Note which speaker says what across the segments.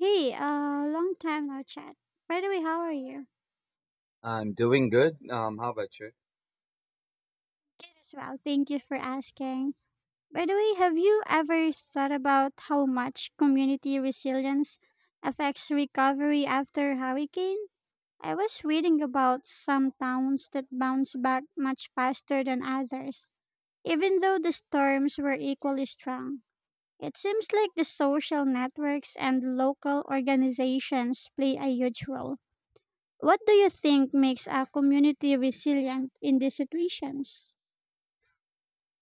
Speaker 1: Hey, long time no chat. By the way, how are you?
Speaker 2: I'm doing good. How about you?
Speaker 1: Good as well. Thank you for asking. By the way, have you ever thought about how much community resilience affects recovery after hurricane? I was reading about some towns that bounce back much faster than others, even though the storms were equally strong. It seems like the social networks and local organizations play a huge role. What do you think makes a community resilient in these situations?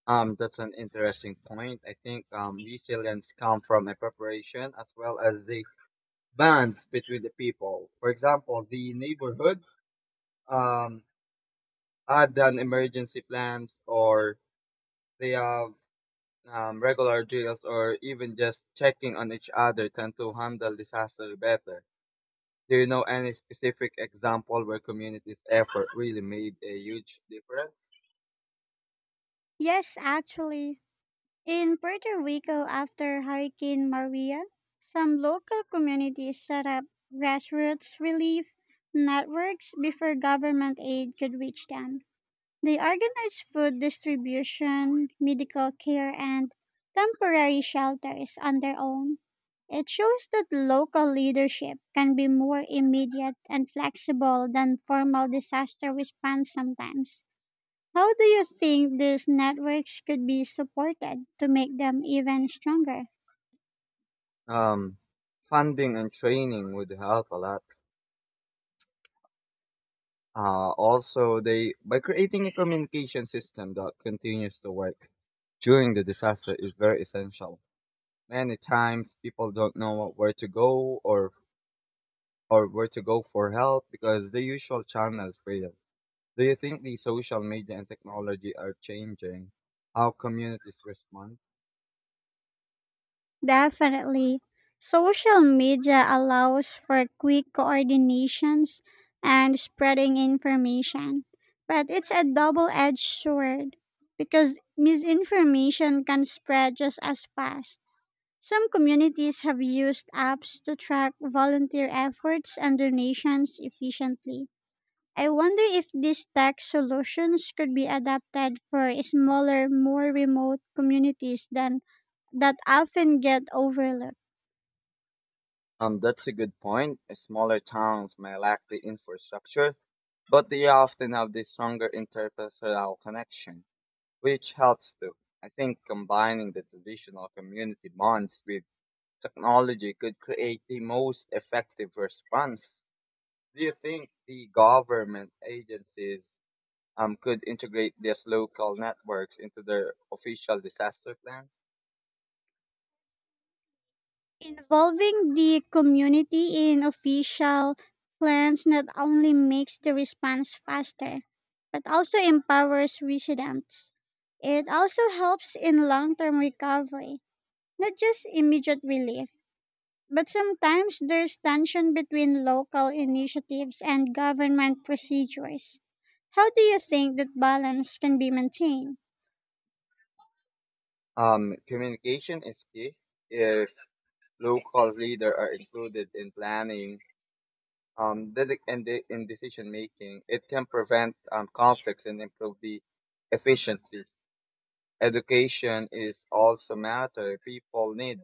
Speaker 2: That's an interesting point. I think resilience come from a preparation as well as the bonds between the people. For example, the neighborhood um, had done emergency plans or they have regular drills or even just checking on each other tend to handle disaster better. Do you know any specific example where community's effort really made a huge difference?
Speaker 1: Yes, actually. In Puerto Rico, after Hurricane Maria, some local communities set up grassroots relief networks before government aid could reach them. They organize food distribution, medical care, and temporary shelters on their own. It shows that local leadership can be more immediate and flexible than formal disaster response sometimes. How do you think these networks could be supported to make them even stronger?
Speaker 2: Um, Funding and training would help a lot. Also, they by creating a communication system that continues to work during the disaster is very essential. Many times, people don't know where to go or where to go for help because the usual channels fail. Do you think the social media and technology are changing how communities respond?
Speaker 1: Definitely. Social media allows for quick coordinations and spreading information, but it's a double edged sword because misinformation can spread just as fast. Some communities have used apps to track volunteer efforts and donations efficiently. I wonder if these tech solutions could be adapted for smaller, more remote communities than that often get overlooked.
Speaker 2: That's a good point. Smaller towns may lack the infrastructure, but they often have the stronger interpersonal connection, which helps too. I think combining the traditional community bonds with technology could create the most effective response. Do you think the government agencies could integrate these local networks into their official disaster plans?
Speaker 1: Involving the community in official plans not only makes the response faster, but also empowers residents. It also helps in long term recovery, not just immediate relief. But sometimes there's tension between local initiatives and government procedures. How do you think that balance can be maintained?
Speaker 2: Communication is key. If local leaders are included in planning in decision making. It can prevent conflicts and improve the efficiency. Education is also matter. People need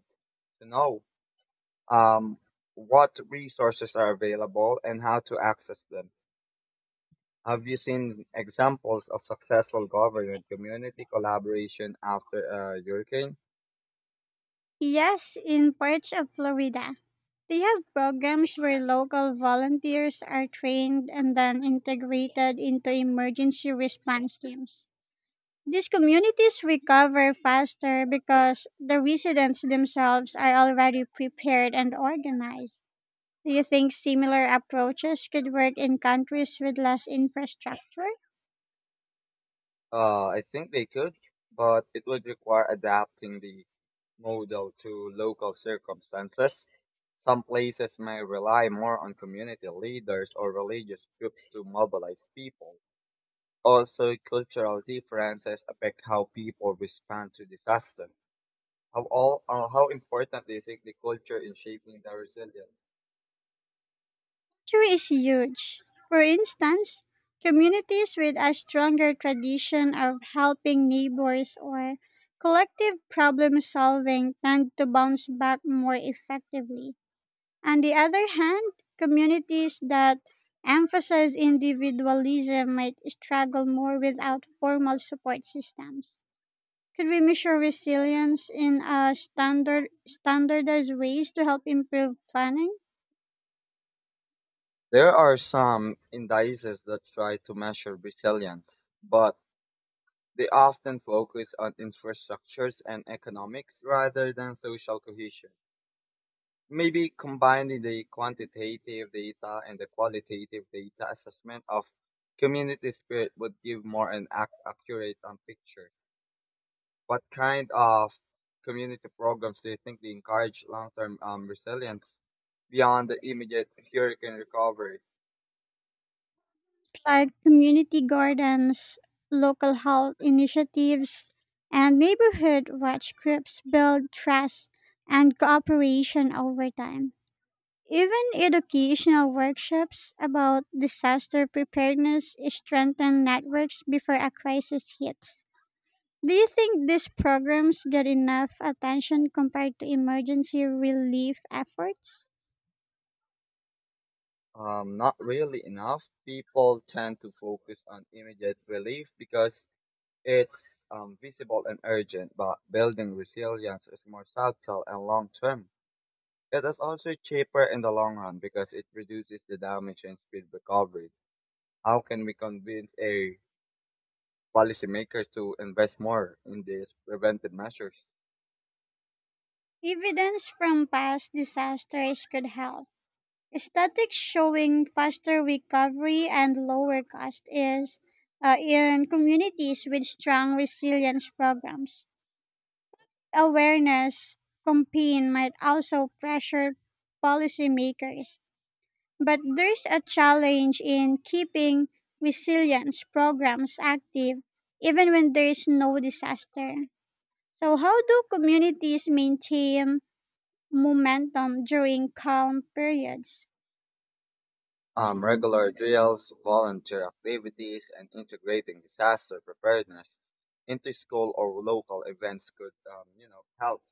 Speaker 2: to know um, what resources are available and how to access them. Have you seen examples of successful government community collaboration after a hurricane?
Speaker 1: Yes, in parts of Florida. They have programs where local volunteers are trained and then integrated into emergency response teams. These communities recover faster because the residents themselves are already prepared and organized. Do you think similar approaches could work in countries with less infrastructure?
Speaker 2: I think they could, but it would require adapting the model to local circumstances. Some places may rely more on community leaders or religious groups to mobilize people. Also, cultural differences affect how people respond to disaster. How important do you think the culture in shaping the resilience?
Speaker 1: True is huge. For instance, communities with a stronger tradition of helping neighbors or collective problem solving tend to bounce back more effectively. On the other hand, communities that emphasize individualism might struggle more without formal support systems. Could we measure resilience in standardized ways to help improve planning?
Speaker 2: There are some indices that try to measure resilience, but they often focus on infrastructures and economics rather than social cohesion. Maybe combining the quantitative data and the qualitative data assessment of community spirit would give more accurate picture. What kind of community programs do you think they encourage long-term resilience beyond the immediate hurricane recovery?
Speaker 1: Like community gardens, local health initiatives, and neighborhood watch groups build trust and cooperation over time. Even educational workshops about disaster preparedness strengthen networks before a crisis hits. Do you think these programs get enough attention compared to emergency relief efforts?
Speaker 2: Not really enough. People tend to focus on immediate relief because it's visible and urgent, but building resilience is more subtle and long term. It is also cheaper in the long run because it reduces the damage and speed recovery. How can we convince a policymakers to invest more in these preventive measures?
Speaker 1: Evidence from past disasters could help. Statistics showing faster recovery and lower cost is, in communities with strong resilience programs. Awareness campaign might also pressure policymakers, but there's a challenge in keeping resilience programs active even when there is no disaster. So how do communities maintain momentum during calm periods?
Speaker 2: Regular drills, volunteer activities, and integrating disaster preparedness into school or local events could, you know, help.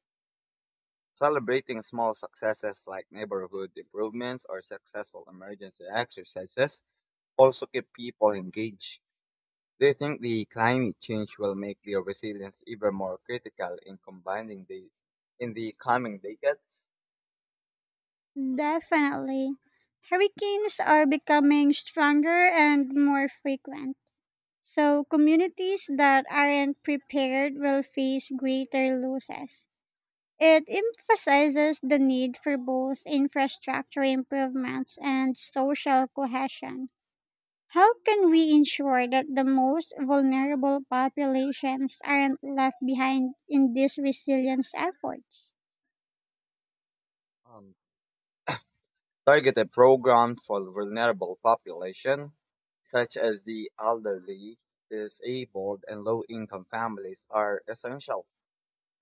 Speaker 2: Celebrating small successes like neighborhood improvements or successful emergency exercises also keep people engaged. Do you think the climate change will make the resilience even more critical in the coming decades?
Speaker 1: Definitely. Hurricanes are becoming stronger and more frequent. So, communities that aren't prepared will face greater losses. It emphasizes the need for both infrastructure improvements and social cohesion. How can we ensure that the most vulnerable populations aren't left behind in these resilience efforts?
Speaker 2: Um, Targeted programs for vulnerable population, such as the elderly, disabled, and low-income families, are essential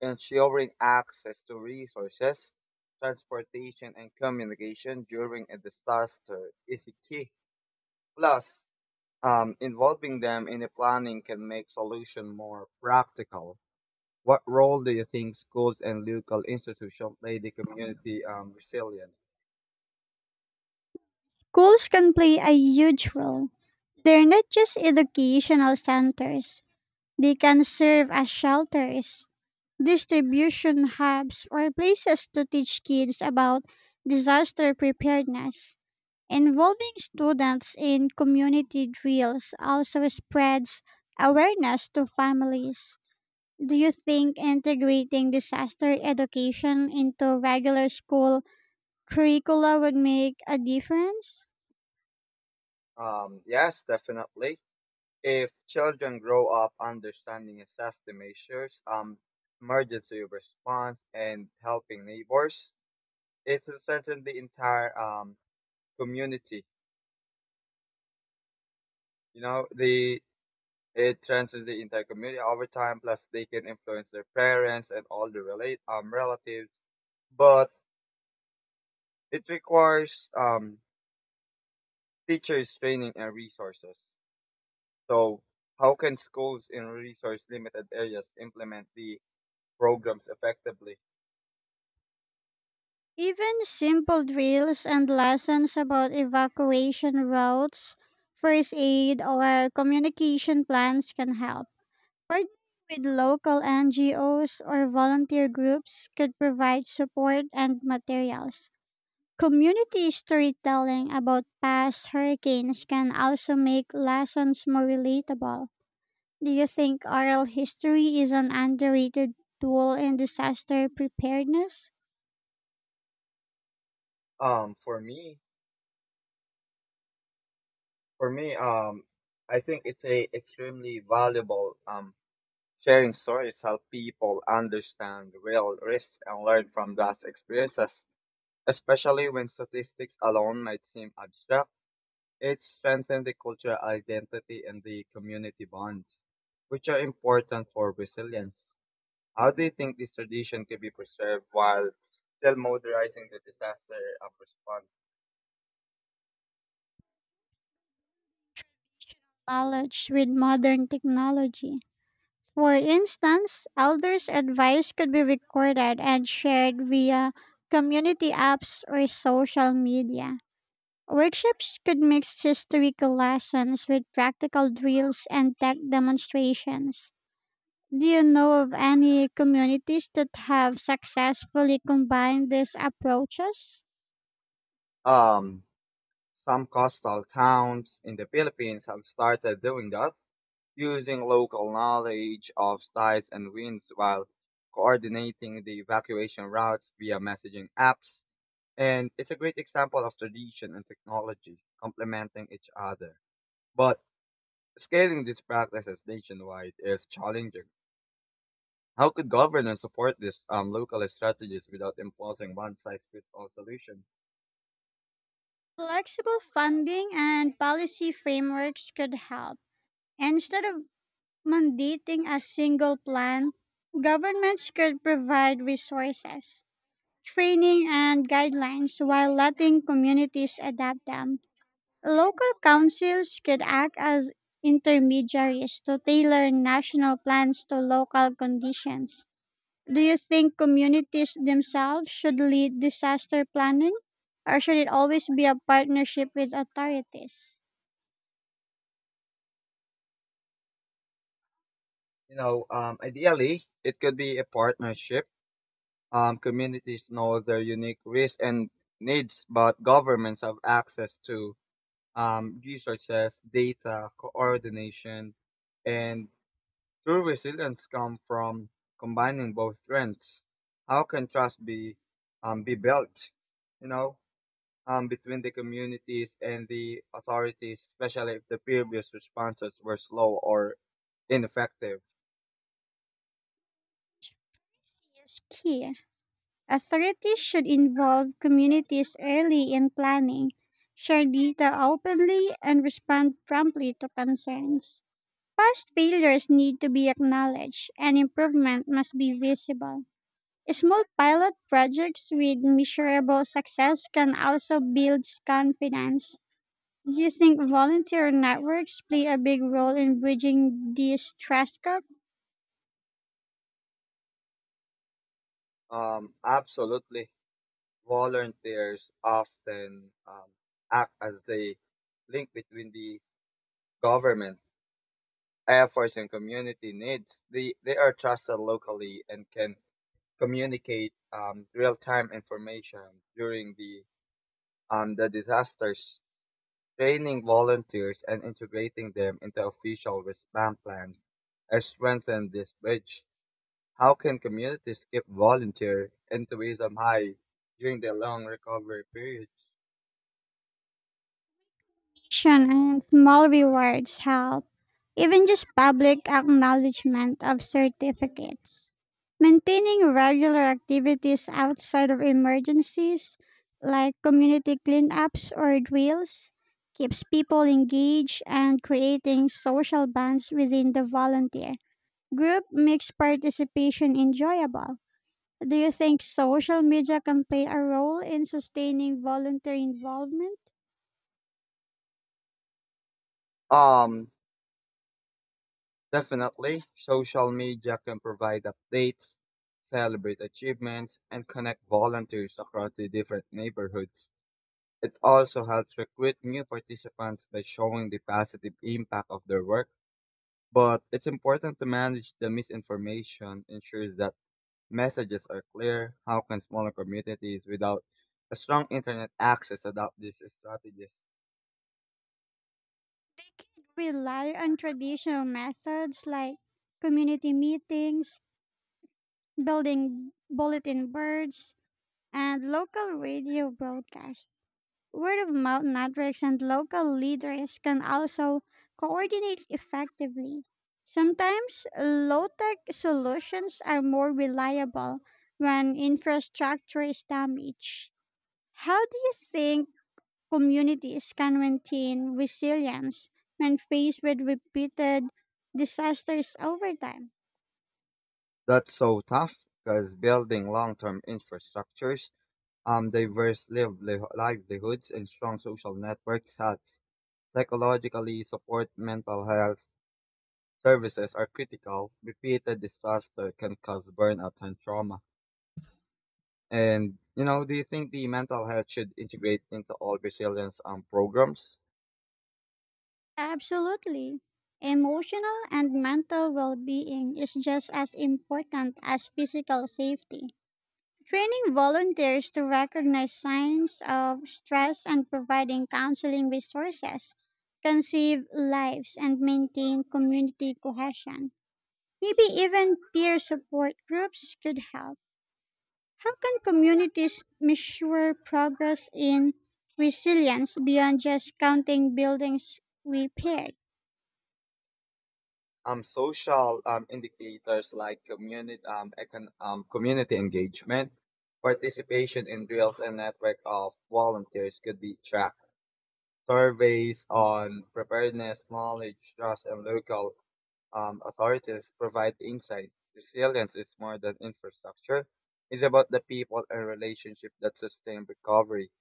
Speaker 2: ensuring access to resources, transportation, and communication during a disaster is a key. Plus, involving them in the planning can make solution more practical. What role do you think schools and local institutions play the community resilience?
Speaker 1: Schools can play a huge role. They're not just educational centers, they can serve as shelters, distribution hubs, or places to teach kids about disaster preparedness. Involving students in community drills also spreads awareness to families. Do you think integrating disaster education into regular school curricula would make a difference?
Speaker 2: Yes, definitely. If children grow up understanding and safety measures, emergency response, and helping neighbors, it threatens the entire community. You know, the it threatens the entire community over time. Plus, they can influence their parents and all the relate relatives. But it requires teachers training and resources. So, how can schools in resource limited areas implement the programs effectively?
Speaker 1: Even simple drills and lessons about evacuation routes, first aid, or communication plans can help. Partnering with local NGOs or volunteer groups could provide support and materials. Community storytelling about past hurricanes can also make lessons more relatable. Do you think oral history is an underrated tool in disaster preparedness?
Speaker 2: Um, for me, for me, I think it's a extremely valuable sharing stories help people understand real risks and learn from past experiences, especially when statistics alone might seem abstract. It strengthens the cultural identity and the community bonds, which are important for resilience. How do you think this tradition can be preserved while still modernizing the disaster of response?
Speaker 1: Knowledge with modern technology. For instance, elders' advice could be recorded and shared via community apps or social media. Workshops could mix historical lessons with practical drills and tech demonstrations. Do you know of any communities that have successfully combined these approaches?
Speaker 2: Um, some coastal towns in the Philippines have started doing that using local knowledge of tides and winds while coordinating the evacuation routes via messaging apps. And it's a great example of tradition and technology complementing each other. But scaling these practices nationwide is challenging. How could governance support these local strategies without imposing one size fits all solution?
Speaker 1: Flexible funding and policy frameworks could help. Instead of mandating a single plan, governments could provide resources, training, and guidelines while letting communities adapt them. Local councils could act as intermediaries to tailor national plans to local conditions. Do you think communities themselves should lead disaster planning, or should it always be a partnership with authorities?
Speaker 2: You know, ideally, it could be a partnership. Communities know their unique risks and needs, but governments have access to resources, data, coordination, and true resilience come from combining both strengths. How can trust be built, you know, between the communities and the authorities, especially if the previous responses were slow or ineffective?
Speaker 1: This is key. Authorities should involve communities early in planning, share data openly, and respond promptly to concerns. Past failures need to be acknowledged, and improvement must be visible. Small pilot projects with measurable success can also build confidence. Do you think volunteer networks play a big role in bridging these trust gaps?
Speaker 2: Absolutely. Volunteers often act as the link between the government efforts and community needs. They are trusted locally and can communicate real-time information during the disasters. Training volunteers and integrating them into official response plans has strengthened this bridge. How can communities keep volunteer enthusiasm high during the long recovery periods?
Speaker 1: Recognition and small rewards help, even just public acknowledgement of certificates. Maintaining regular activities outside of emergencies, like community cleanups or drills, keeps people engaged, and creating social bonds within the volunteer group makes participation enjoyable. Do you think social media can play a role in sustaining volunteer involvement?
Speaker 2: Um, Definitely, social media can provide updates, celebrate achievements, and connect volunteers across the different neighborhoods. It also helps recruit new participants by showing the positive impact of their work. But it's important to manage the misinformation, ensure that messages are clear. How can smaller communities without a strong internet access adopt these strategies?
Speaker 1: They could rely on traditional methods like community meetings, building bulletin boards, and local radio broadcasts. Word of mouth networks and local leaders can also coordinate effectively. Sometimes low tech solutions are more reliable when infrastructure is damaged. How do you think communities can maintain resilience when faced with repeated disasters over time?
Speaker 2: That's so tough because building long term infrastructures livelihoods and strong social networks that psychologically support mental health services are critical. Repeated disaster can cause burnout and trauma. And, you know, do you think the mental health should integrate into all resilience programs?
Speaker 1: Absolutely. Emotional and mental well being is just as important as physical safety. Training volunteers to recognize signs of stress and providing counseling resources can save lives and maintain community cohesion. Maybe even peer support groups could help. How can communities measure progress in resilience beyond just counting buildings repaired?
Speaker 2: Social indicators like community engagement, participation in drills, and network of volunteers could be tracked. Surveys on preparedness, knowledge, trust, and local authorities provide insight. Resilience is more than infrastructure; it's about the people and relationships that sustain recovery.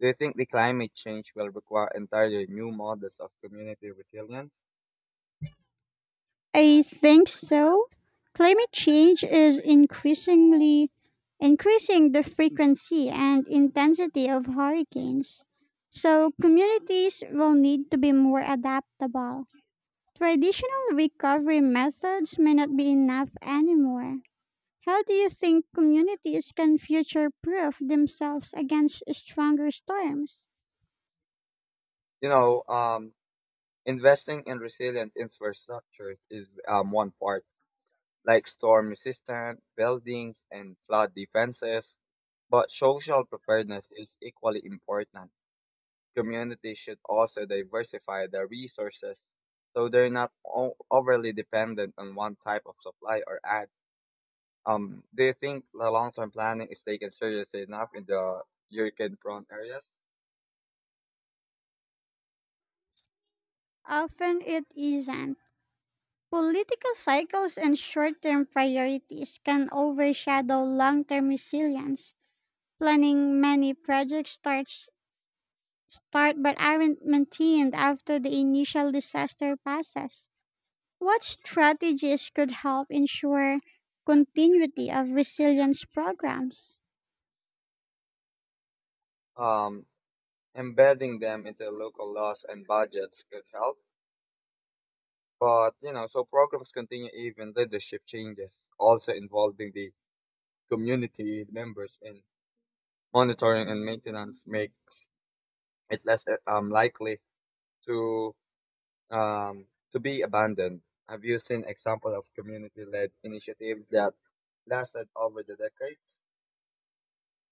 Speaker 2: Do you think the climate change will require entirely new models of community resilience?
Speaker 1: I think so. Climate change is increasing the frequency and intensity of hurricanes. So communities will need to be more adaptable. Traditional recovery methods may not be enough anymore. How do you think communities can future proof themselves against stronger storms?
Speaker 2: You know, investing in resilient infrastructure is one part, like storm-resistant buildings and flood defenses. But social preparedness is equally important. Communities should also diversify their resources so they're not o- overly dependent on one type of supply or ad. Do you think the long-term planning is taken seriously enough in the hurricane-prone areas?
Speaker 1: Often it isn't. Political cycles and short term priorities can overshadow long term resilience. Planning many projects start but aren't maintained after the initial disaster passes. What strategies could help ensure continuity of resilience programs?
Speaker 2: Um, Embedding them into local laws and budgets could help, but you know, so programs continue even leadership changes, also involving the community members in monitoring and maintenance makes it less likely to um, to be abandoned. Have you seen example of community-led initiative that lasted over the decades?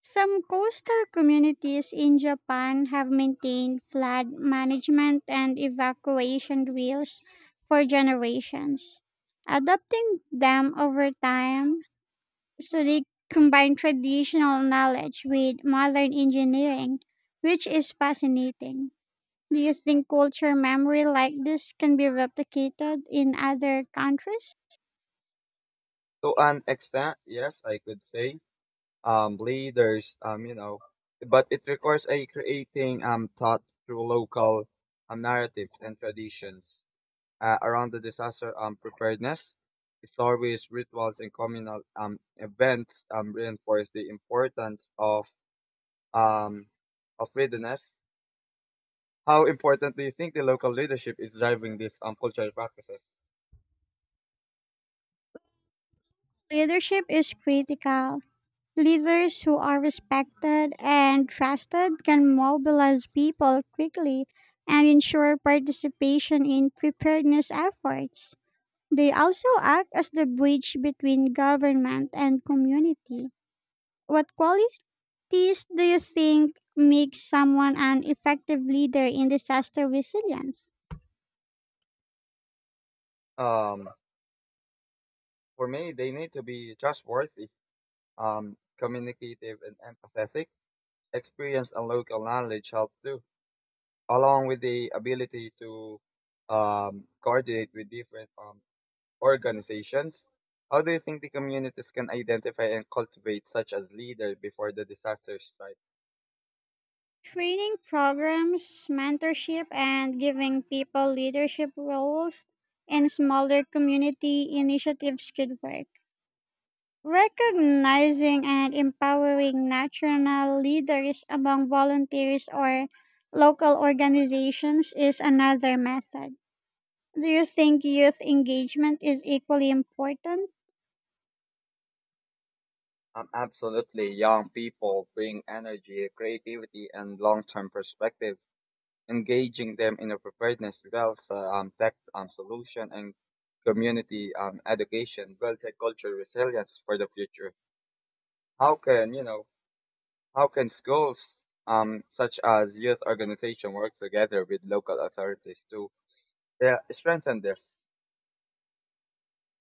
Speaker 1: Some coastal communities in Japan have maintained flood management and evacuation drills for generations, adapting them over time so they combine traditional knowledge with modern engineering, which is fascinating. Do you think culture memory like this can be replicated in other countries?
Speaker 2: To an extent, yes, I could say leaders, you know, but it requires a creating thought through local narratives and traditions around the disaster preparedness. Stories, rituals, and communal events reinforce the importance um, of readiness. How important do you think the local leadership is driving these cultural practices?
Speaker 1: Leadership is critical. Leaders who are respected and trusted can mobilize people quickly and ensure participation in preparedness efforts. They also act as the bridge between government and community. What qualities do you think make someone an effective leader in disaster resilience?
Speaker 2: Um, for me, they need to be trustworthy, communicative, and empathetic. Experience and local knowledge help too, along with the ability to coordinate with different organizations. How do you think the communities can identify and cultivate such as leader before the disaster strike?
Speaker 1: Training programs, mentorship, and giving people leadership roles in smaller community initiatives could work. Recognizing and empowering national leaders among volunteers or local organizations is another method. Do you think youth engagement is equally important?
Speaker 2: Absolutely, young people bring energy, creativity, and long-term perspective engaging them in a preparedness tech solution, and community education builds a cultural resilience for the future. How can you know? How can schools such as youth organization work together with local authorities to strengthen this?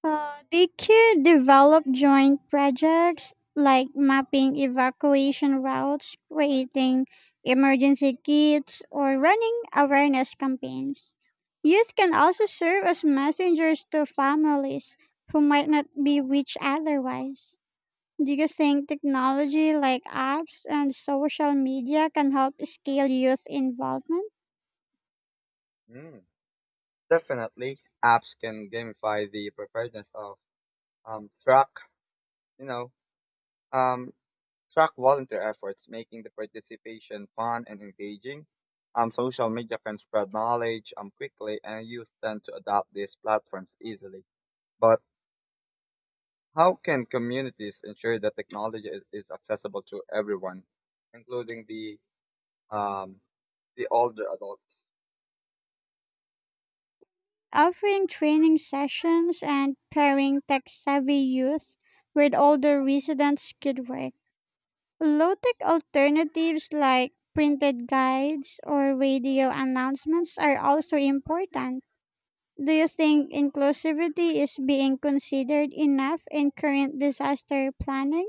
Speaker 1: They could develop joint projects like mapping evacuation routes, creating emergency kits, or running awareness campaigns. Youth can also serve as messengers to families who might not be reached otherwise. Do you think technology like apps and social media can help scale youth involvement?
Speaker 2: Mm. Definitely, apps can gamify the preparedness of um, track. You know, Um, track volunteer efforts, making the participation fun and engaging. Social media can spread knowledge quickly, and youth tend to adopt these platforms easily. But how can communities ensure that technology is accessible to everyone, including um, the older adults?
Speaker 1: Offering training sessions and pairing tech-savvy youth with older residents could work. Low-tech alternatives like printed guides or radio announcements are also important. Do you think inclusivity is being considered enough in current disaster planning?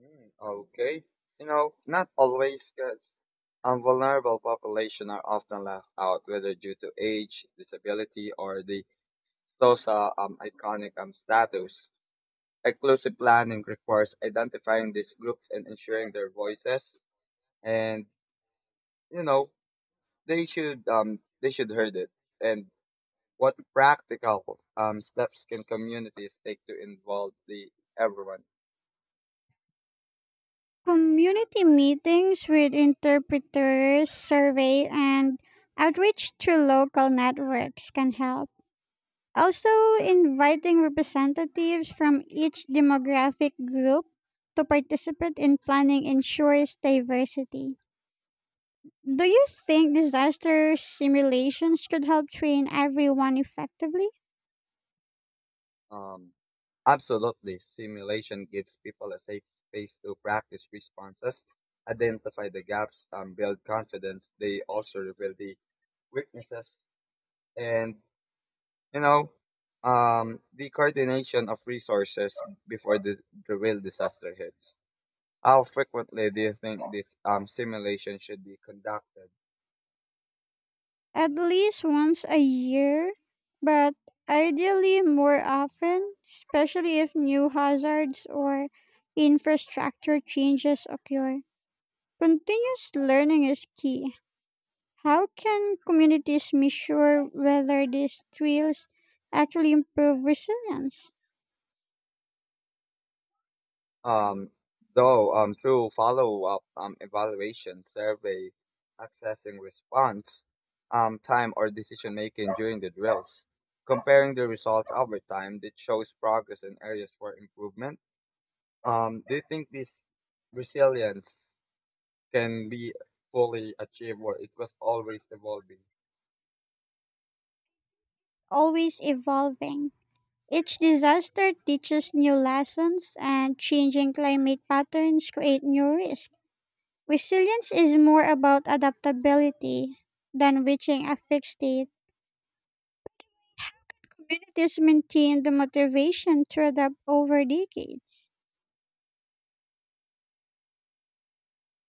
Speaker 2: Mm, okay. You know, not always because vulnerable population are often left out, whether due to age, disability, or the social iconic status. Inclusive planning requires identifying these groups and ensuring their voices, and you know they should heard it. And what practical steps can communities take to involve the everyone?
Speaker 1: Community meetings with interpreters, survey, and outreach through local networks can help. Also, inviting representatives from each demographic group to participate in planning ensures diversity. Do you think disaster simulations could help train everyone effectively?
Speaker 2: Um, Absolutely. Simulation gives people a safe space to practice responses, identify the gaps, build confidence. They also reveal the weaknesses and, you know, the coordination of resources before the real disaster hits. How frequently do you think this simulation should be conducted?
Speaker 1: At least once a year, but ideally more often, especially if new hazards or infrastructure changes occur. Continuous learning is key. How can communities measure whether these drills actually improve resilience?
Speaker 2: Um, though Through follow-up evaluation, survey, accessing response time, or decision making during the drills, comparing the results over time that shows progress in areas for improvement. Do you think this resilience can be fully achieved, or it was always evolving?
Speaker 1: Always evolving. Each disaster teaches new lessons, and changing climate patterns create new risks. Resilience is more about adaptability than reaching a fixed state. Communities maintain the motivation to adapt over decades.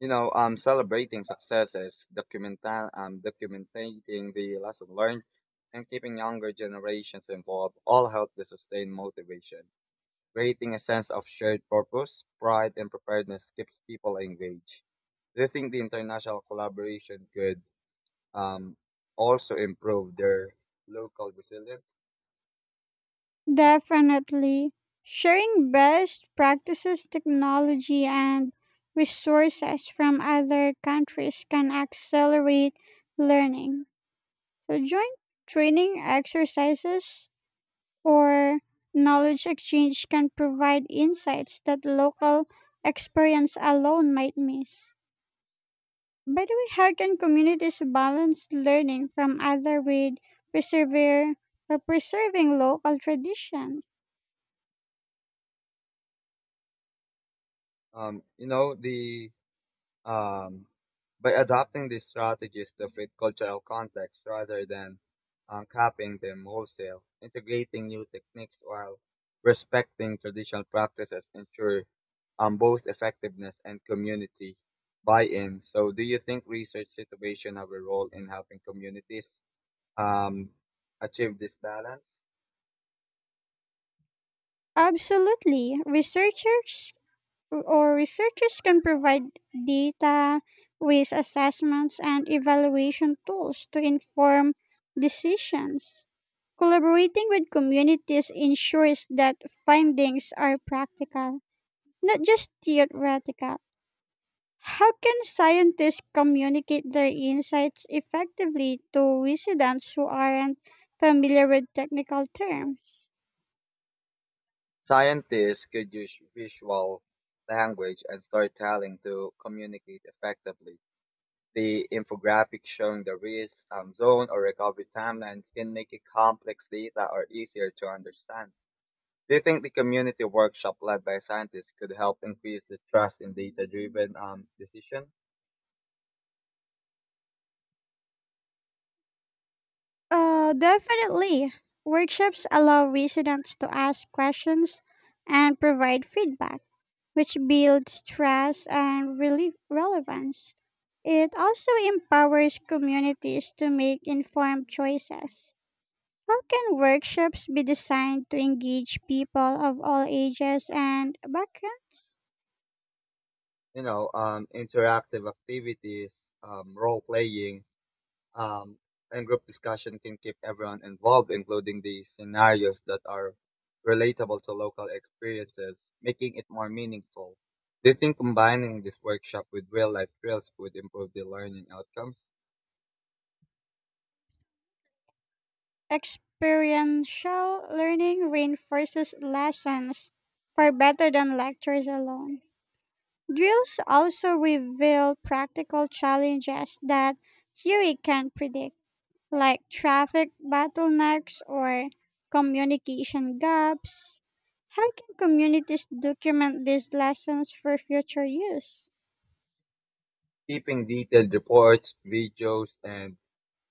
Speaker 2: You know, celebrating successes, documenting the lesson learned, and keeping younger generations involved all help to sustain motivation. Creating a sense of shared purpose, pride, and preparedness keeps people engaged. Do you think the international collaboration could um, also improve their local resilience?
Speaker 1: Definitely. Sharing best practices, technology, and resources from other countries can accelerate learning. So, joint training exercises or knowledge exchange can provide insights that local experience alone might miss. By the way, how can communities balance learning from other with persevere or preserving local traditions?
Speaker 2: You know, the Um, by adopting these strategies to fit cultural context rather than copying them wholesale, integrating new techniques while respecting traditional practices ensure both effectiveness and community buy-in. So, do you think research situation have a role in helping communities um, achieve this balance?
Speaker 1: Absolutely. Researchers can provide data with assessments and evaluation tools to inform decisions. Collaborating with communities ensures that findings are practical, not just theoretical. How can scientists communicate their insights effectively to residents who aren't familiar with technical terms?
Speaker 2: Scientists could use visual language and storytelling to communicate effectively. The infographic showing the risk zone or recovery timelines can make it complex data or easier to understand. Do you think the community workshop led by scientists could help increase the trust in data-driven decision?
Speaker 1: Definitely. Workshops allow residents to ask questions and provide feedback, which builds trust and relief relevance. It also empowers communities to make informed choices. How can workshops be designed to engage people of all ages and backgrounds?
Speaker 2: You know, interactive activities, role-playing, Um, and group discussion can keep everyone involved, including the scenarios that are relatable to local experiences, making it more meaningful. Do you think combining this workshop with real life drills would improve the learning outcomes?
Speaker 1: Experiential learning reinforces lessons far better than lectures alone. Drills also reveal practical challenges that theory can't predict, like traffic bottlenecks or communication gaps. How can communities document these lessons for future use?
Speaker 2: Keeping detailed reports, videos, and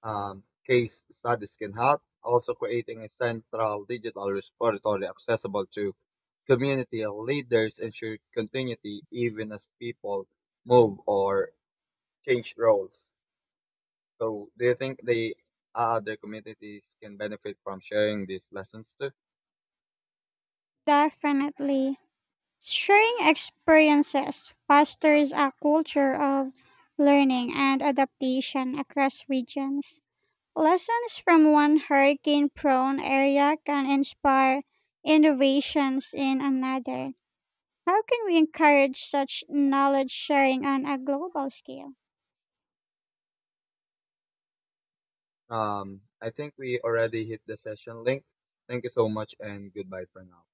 Speaker 2: case studies can help. Also, creating a central digital repository accessible to community leaders ensure continuity even as people move or change roles. So, do you think the other communities can benefit from sharing these lessons too?
Speaker 1: Definitely. Sharing experiences fosters a culture of learning and adaptation across regions. Lessons from one hurricane prone area can inspire innovations in another. How can we encourage such knowledge sharing on a global scale?
Speaker 2: I think we already hit the session link. Thank you so much and goodbye for now.